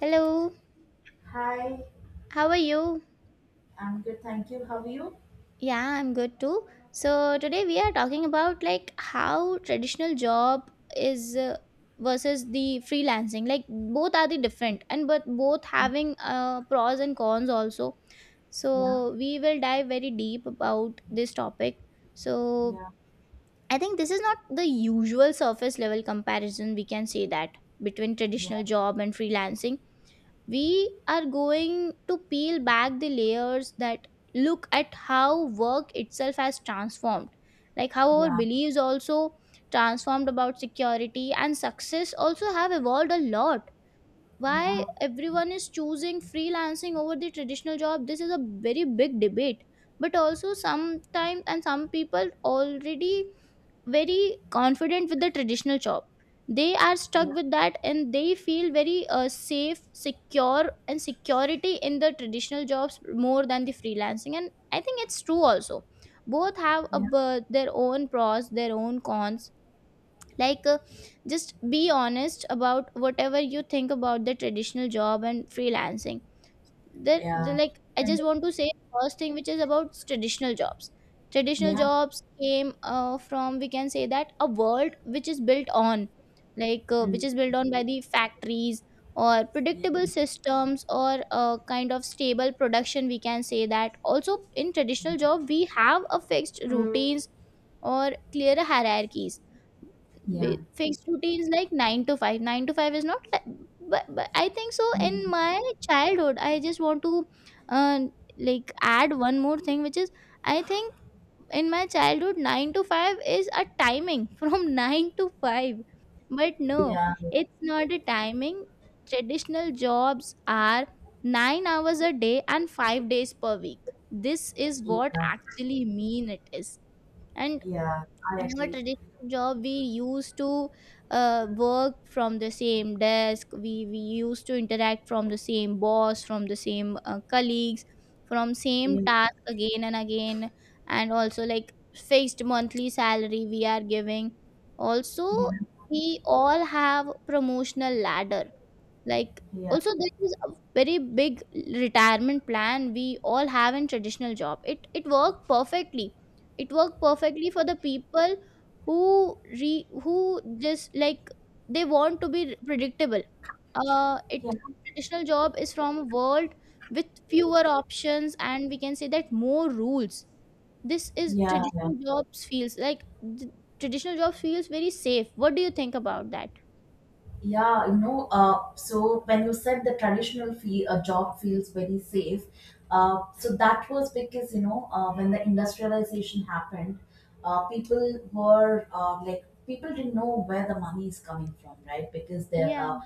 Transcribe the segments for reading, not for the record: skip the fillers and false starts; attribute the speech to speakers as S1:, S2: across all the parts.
S1: Hello,
S2: Hi,
S1: how are you?
S2: I'm good, thank you. How are you?
S1: Yeah, I'm good too. So today we are talking about like how traditional job is, versus the freelancing. Like both are the different and but both having pros and cons also.
S2: Yeah,
S1: So we will dive very deep about this topic. So
S2: yeah,
S1: I think this is not the usual surface level comparison, we can say that, between
S2: yeah,
S1: traditional job and freelancing. We are going to peel back the layers, that look at how work itself has transformed, like how our
S2: yeah,
S1: beliefs also transformed about security and success also have evolved a lot.
S2: yeah,
S1: Why everyone is choosing freelancing over the traditional job? This is a very big debate. But also, sometimes and some people already very confident with the traditional job, they are stuck
S2: yeah,
S1: with that and they feel very safe, secure and security in the traditional jobs more than the freelancing, and I think it's true also. Both have
S2: yeah,
S1: their own pros, their own cons. like uh, just be honest about whatever you think about the traditional job and freelancing.
S2: yeah,
S1: Like I
S2: and
S1: just want to say first thing, which is about traditional jobs. Traditional
S2: yeah,
S1: jobs came, from, we can say that, a world which is built on,
S2: mm,
S1: which is built on by the factories, or
S2: yeah, yeah,
S1: predictable systems, or a kind of stable production, we can say that. Also, in traditional job we have a fixed routines, or clear hierarchies,
S2: yeah,
S1: with fixed routines like 9 to 5 is not like, but I think so, in my childhood I just want to uh, like add one more thing, which is, I think, in my childhood 9 to 5 is a timing from 9 to 5. But no,
S2: yeah, yeah,
S1: it's not a timing. Traditional jobs are 9 hours a day and 5 days per week. This is what
S2: yeah,
S1: actually mean it is. And
S2: yeah, I
S1: in our
S2: agree.
S1: traditional job, we used to work from the same desk, we used to interact from the same boss, from the same colleagues, from same
S2: Yeah,
S1: task again and again. And also like fixed monthly salary we are giving also.
S2: yeah,
S1: We all have promotional ladder, like,
S2: yeah,
S1: also there is a very big retirement plan we all have in traditional job. It worked perfectly, it worked perfectly for the people who re who just like, they want to be predictable.
S2: yeah,
S1: It Traditional job is from a world with fewer options and, we can say that, more rules. This is
S2: yeah.
S1: traditional jobs feels like. th- Traditional jobs feels very safe. What do you think about that?
S2: Yeah, so when you said the traditional fee, a job feels very safe, so that was because, when the industrialization happened, people didn't know where the money is coming from, right? Because their
S1: Yeah,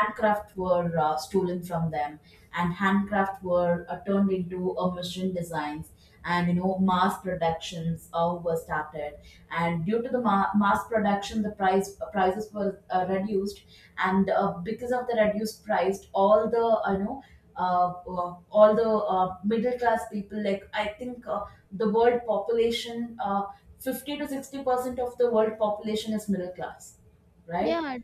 S2: handcraft were stolen from them, and handcraft were turned into a machine designs, and, mass productions were started. And due to the mass production, the prices were reduced, and because of the reduced price, all the uh, uh, all the middle class people, like I think, the world population 50 to 60% of the world population is middle class, right?
S1: yeah,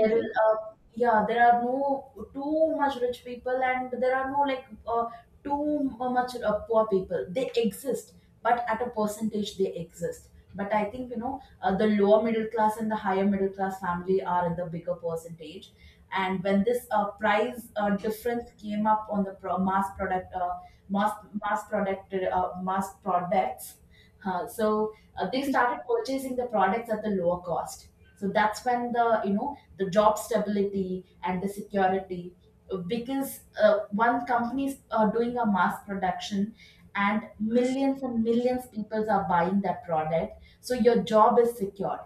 S2: There is, uh, yeah, there are no too much rich people, and there are no, like, too much poor people. They exist, but at a percentage they exist. But I think, the lower middle class and the higher middle class family are in the bigger percentage. And when this price difference came up on the pro- mass product, mass mass product, mass products. Huh. So they started purchasing the products at the lower cost. So that's when the you know the job stability and the security, because one company is doing a mass production, and millions people are buying that product. So your job is secured.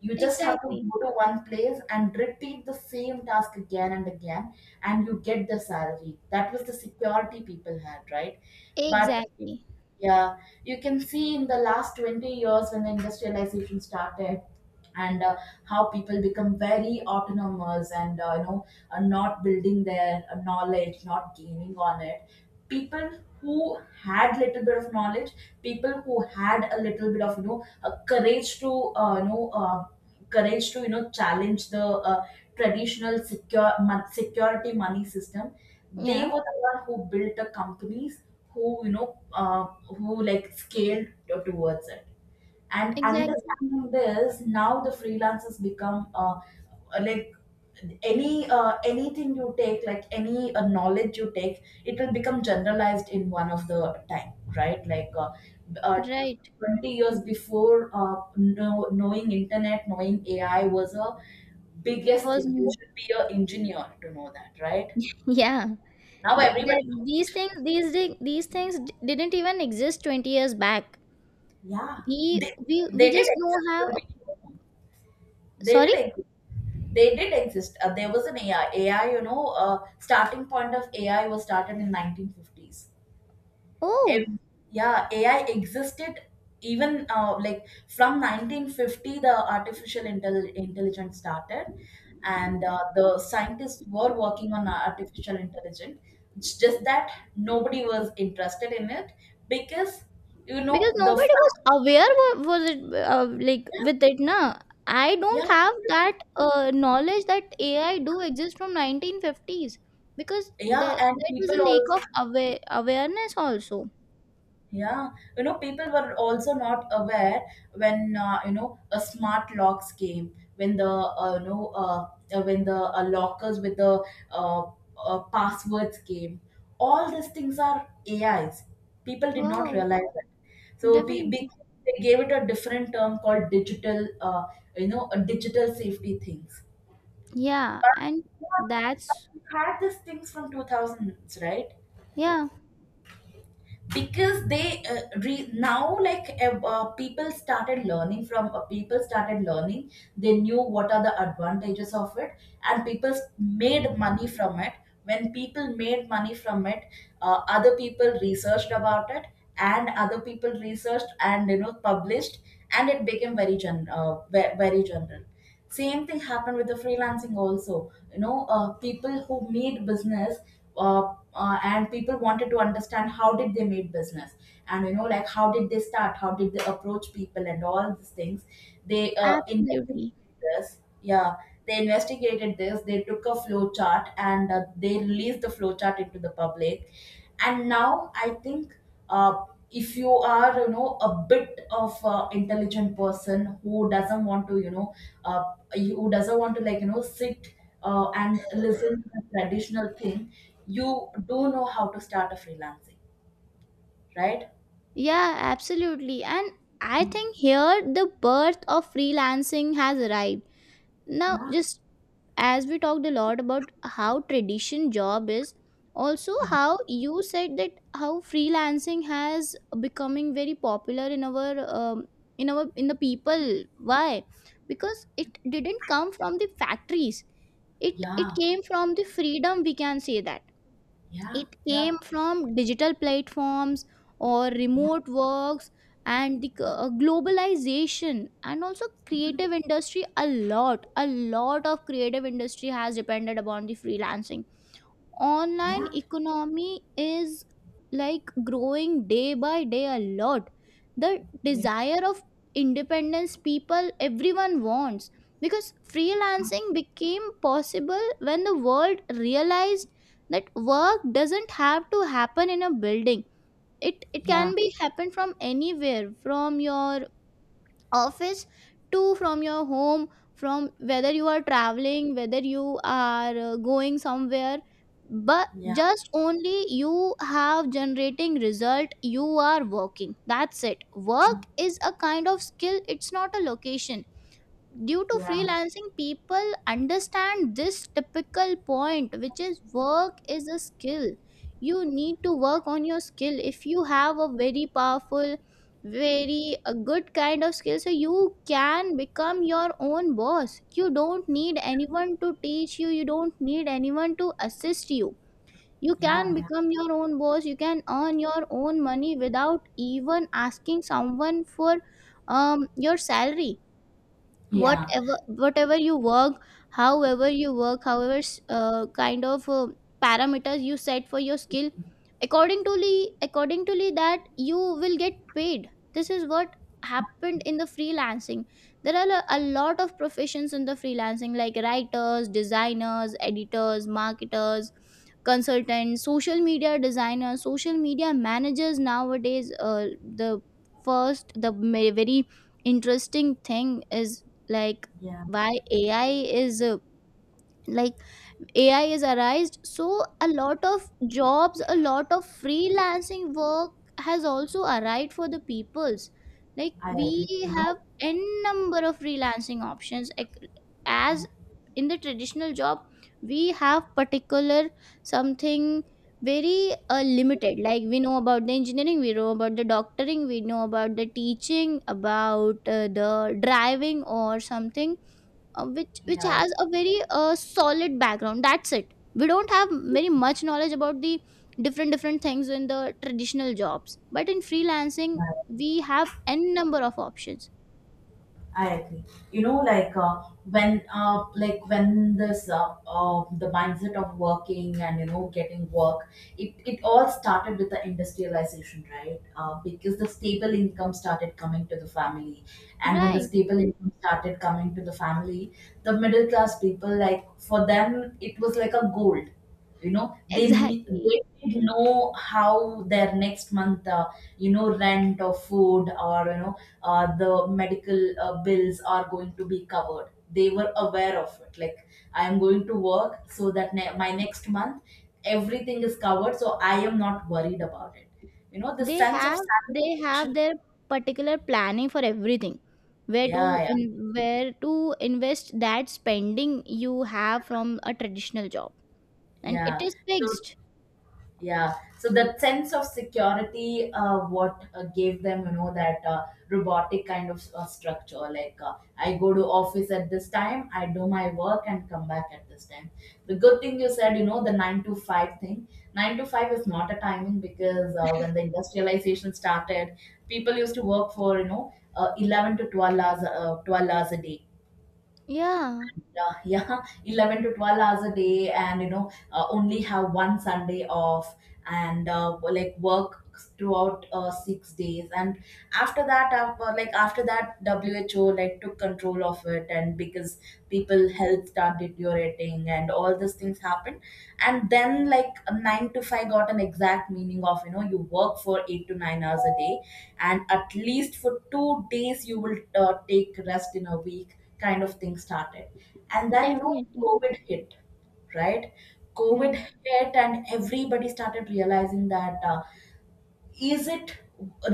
S2: You just have to
S1: Exactly.
S2: go to one place and repeat the same task again and again, and you get the salary. That was the security people had, right? But
S1: Exactly.
S2: yeah, you can see in the last 20 years when the industrialization started, and how people become very autonomous and not building their knowledge, not gaining on it. People who had little bit of knowledge, people who had a little bit of courage to, uh, you know uh, challenge the traditional security money system. They
S1: Yeah,
S2: were the one who built the companies, who like, scaled towards it. And
S1: exactly.
S2: understanding this, now the freelancers become, like, anything you take, like, any knowledge you take, it will become generalized in one of the time. Right? Like, uh,
S1: Right.
S2: 20 years before, knowing internet, knowing AI was a biggest
S1: Was
S2: thing. You should be an engineer to know that, right?
S1: Yeah.
S2: Now
S1: That,
S2: everybody
S1: that these
S2: knows.
S1: things these di- these things d- didn't even exist 20 years back.
S2: Yeah.
S1: We
S2: They,
S1: we
S2: they did
S1: just know
S2: exist
S1: how
S2: when
S1: a-
S2: we were young. They
S1: Sorry?
S2: did exist. They did exist. There was an AI. AI, starting point of AI was started in 1950s.
S1: Oh,
S2: Ev- yeah, AI existed even like, from 1950, the artificial intelligence started, and the scientists were working on artificial intelligence. It's just that nobody was interested in it, because,
S1: because
S2: the
S1: nobody was aware, was it, like,
S2: Yeah,
S1: with it na. I
S2: yeah,
S1: don't have that knowledge that AI do exist from 1950s, because
S2: yeah, and
S1: that was
S2: people
S1: a lack
S2: also,
S1: of awareness also.
S2: yeah, people were also not aware when, a smart locks came, when the lockers with the uh, passwords came. All these things are AIs. People did not
S1: Wow,
S2: realize that. So,
S1: definitely.
S2: they gave it a different term called digital, a digital safety things.
S1: Yeah,
S2: But,
S1: and
S2: yeah, but
S1: that's,
S2: we had these things from 2000s, right?
S1: yeah,
S2: Because they now, like, people started learning, they knew what are the advantages of it, and people made money from it. When people made money from it, other people researched about it, and other people researched and, you know, published, and it became very very general. Same thing happened with the freelancing also. People who made business, and people wanted to understand how did they made business, and, you know, like, how did they start, how did they approach people, and all these things. They
S1: absolutely.
S2: investigated this, yeah. They investigated this, they took a flow chart, and they released the flow chart into the public. And now I think, uh, if you are, you know, a bit of intelligent person who doesn't want to uh, like, you know, sit and listen to the traditional thing, you do know how to start a freelancing, right?
S1: Yeah, absolutely. And I think here the birth of freelancing has arrived. Now,
S2: Yeah,
S1: just as we talked a lot about how tradition job is, also
S2: yeah,
S1: how you said that how freelancing has becoming very popular in our, in the people. Why? Because it didn't come from the factories. It
S2: yeah,
S1: came from the freedom. We can say that
S2: yeah,
S1: it
S2: yeah,
S1: came from digital platforms or
S2: yeah,
S1: remote works, and the globalization, and also creative industry. A lot of creative industry has depended upon the freelancing.
S2: yeah,
S1: Online
S2: yeah,
S1: economy is like growing day by day a lot. The
S2: yeah, yeah, yeah,
S1: desire of independence, people, everyone wants, because freelancing became possible when the world realized that work doesn't have to happen in a building. It
S2: yeah,
S1: can be happen from anywhere, from your office, two, from your home, from whether you are traveling, whether you are going somewhere. But
S2: yeah.
S1: just only you have generating result, you are working, that's it. Work is a kind of skill, it's not a location. Due to freelancing, people understand this typical point, which is work is a skill. You need to work on your skill. If you have a very powerful, very a good kind of skill, so you can become your own boss. You don't need anyone to teach you, you don't need anyone to assist you. You can become your own boss, you can earn your own money without even asking someone for, your salary.
S2: Yeah,
S1: Whatever, whatever you work, however you work, however kind of parameters you set for your skill, that you will get paid. This is what happened in the freelancing. There are a lot of professions in the freelancing, like writers, designers, editors, marketers, consultants, social media designers, social media managers. Nowadays, the first, very interesting thing is like,
S2: yeah.
S1: why AI is, like arised, so a lot of jobs, a lot of freelancing work has also arrived for the peoples. Like
S2: I
S1: we
S2: agree. You know,
S1: have n number of freelancing options, like,
S2: yeah,
S1: as in the traditional job we have particular something very limited. Like we know about the engineering, we know about the doctoring, we know about the teaching, about the driving, or something which
S2: yeah,
S1: has a very solid background, that's it. We don't have very much knowledge about the different different things in the traditional jobs, but in freelancing
S2: yeah.
S1: we have n number of options.
S2: I agree. You know, like, when this, the mindset of working and, you know, getting work, it all started with the industrialization, right? Because the stable income started coming to the family, and when the
S1: Right,
S2: stable income started coming to the family, the middle class people, like, for them, it was like a gold. You know, they ne-
S1: exactly.
S2: they didn't know how their next month. You know, rent or food or, you know, the medical bills are going to be covered. They were aware of it, like, I am going to work so that my next month everything is covered, so I am not worried about it. You know, the
S1: they
S2: sense of
S1: have they
S2: satisfaction.
S1: have their particular planning for everything, where
S2: Yeah,
S1: to
S2: yeah,
S1: in where to invest that spending you have from a traditional job, and it
S2: yeah.
S1: is
S2: So.
S1: fixed.
S2: Yeah. So that sense of security, what gave them, you know, that robotic kind of structure. Like, I go to office at this time, I do my work and come back at this time. The good thing you said, you know, the 9 to 5 thing. 9 to 5 is not a timing, because, when the industrialization started, people used to work for, you know, 11 to 12 hours, 12 hours a day.
S1: Yeah,
S2: Yeah, yeah. 11 to 12 hours a day, and, you know, only have one Sunday off, and like, work throughout 6 days, and after that, who, like, took control of it, and because people health start deteriorating and all these things happen, and then, like, 9 to 5 got an exact meaning of, you know, you work for 8 to 9 hours a day, and at least for 2 days you will take rest in a week, kind of thing started. And then, you know,
S1: definitely.
S2: COVID hit, right?
S1: Yeah,
S2: COVID hit, and everybody started realizing that, is it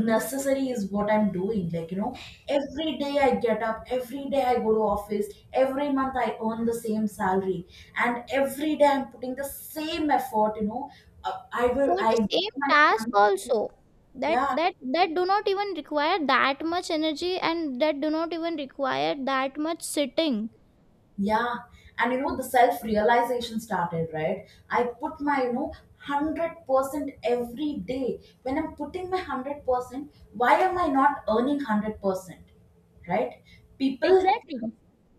S2: necessary, is what I'm doing. Like, you know, every day I get up, every day I go to office, every month I earn the same salary, and every day I'm putting the same effort, you know, I will,
S1: for
S2: I,
S1: the same
S2: my.
S1: task also. that
S2: Yeah.
S1: that that do not even require that much energy, and that do not even require that much sitting.
S2: Yeah, and, you know, the self realization started, right. I put my, you know, 100% every day. When I'm putting my 100%, why am I not earning 100%? Right? People
S1: Exactly.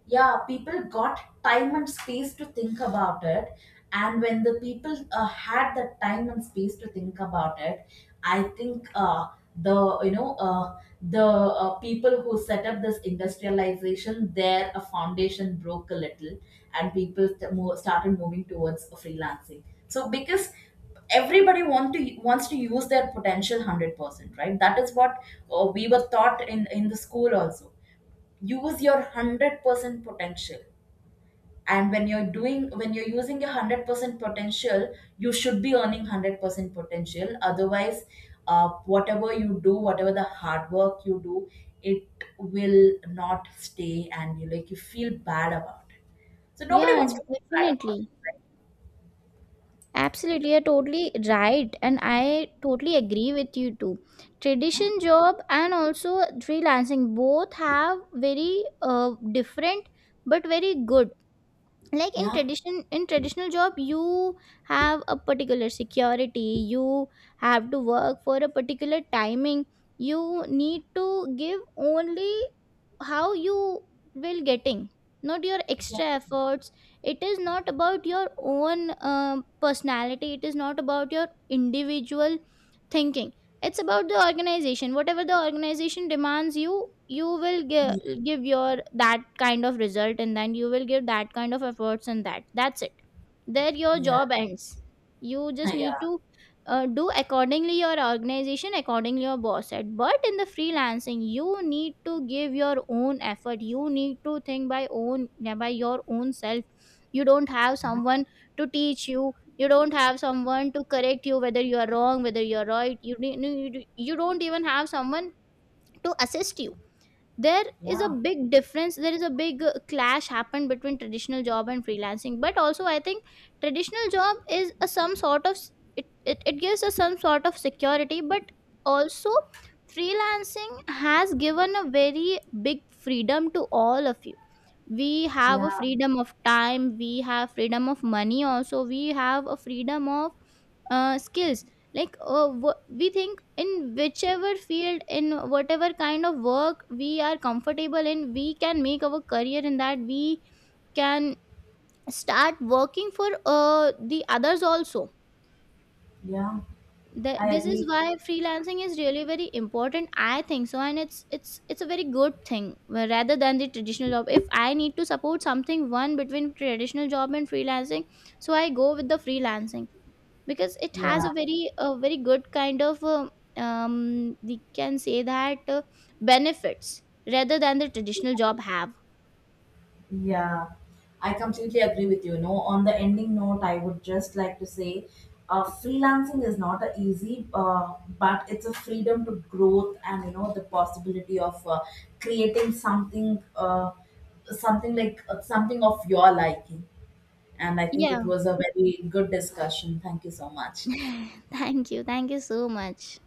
S2: yeah people got time and space to think about it, and when the people had the time and space to think about it, I think, the you know the people who set up this industrialization, their foundation broke a little, and people started moving towards freelancing. So, because everybody wants to use their potential 100%, right, that is what, we were taught in the school also. Use your 100% potential, and when you're using your 100% potential, you should be earning 100% potential. Otherwise, whatever you do, whatever the hard work you do, it will not stay, and you, like, you feel bad about it. So nobody
S1: Yeah,
S2: wants to feel bad about it,
S1: definitely, absolutely, you're totally right and I totally agree with you too.
S2: right?
S1: Tradition job and also freelancing, both have very different, but very good. Like,
S2: Yeah,
S1: in traditional job you have a particular security, you have to work for a particular timing, you need to give only how you will getting, not your
S2: yeah,
S1: extra efforts. It is not about your own, um, personality, it is not about your individual thinking. It's about the organization. Whatever the organization demands you, you will
S2: yeah,
S1: give your that kind of result, and then you will give that kind of efforts, and that's it. There your
S2: yeah,
S1: job ends. You just
S2: yeah,
S1: need
S2: yeah,
S1: to do accordingly your organization, accordingly your boss said. But in the freelancing, you need to give your own effort, you need to think by own, by your own self. You don't have
S2: yeah,
S1: someone to teach you, you don't have someone to correct you, whether you are wrong, whether you are right. you ne- ne- you d- You don't even have someone to assist you. There is a
S2: yeah,
S1: big difference, there is a big clash happened between traditional job and freelancing. But also I think traditional job is a some sort of it gives us some sort of security, but also freelancing has given a very big freedom to all of you. We have a
S2: yeah,
S1: freedom of time, we have freedom of money also, we have a freedom of skills. We think in whichever field, in whatever kind of work we are comfortable in, we can make our career in that. We can start working for the others also.
S2: yeah. I
S1: This is
S2: agree.
S1: why freelancing is really very important, I think so. And it's a very good thing. Rather than the traditional job, if I need to support something, one between traditional job and freelancing, so I go with the freelancing, because it has
S2: Yeah.
S1: a very, good kind of, uh, we can say that, benefits, rather than the traditional job have.
S2: Yeah, I completely agree with you. No, on the ending note, I would just like to say, freelancing is not a easy, but it's a freedom to growth, and, you know, the possibility of, creating something, something like, something of your liking. And I think
S1: Yeah.
S2: it was a very good discussion. Thank you so much.
S1: Thank you, thank you so much.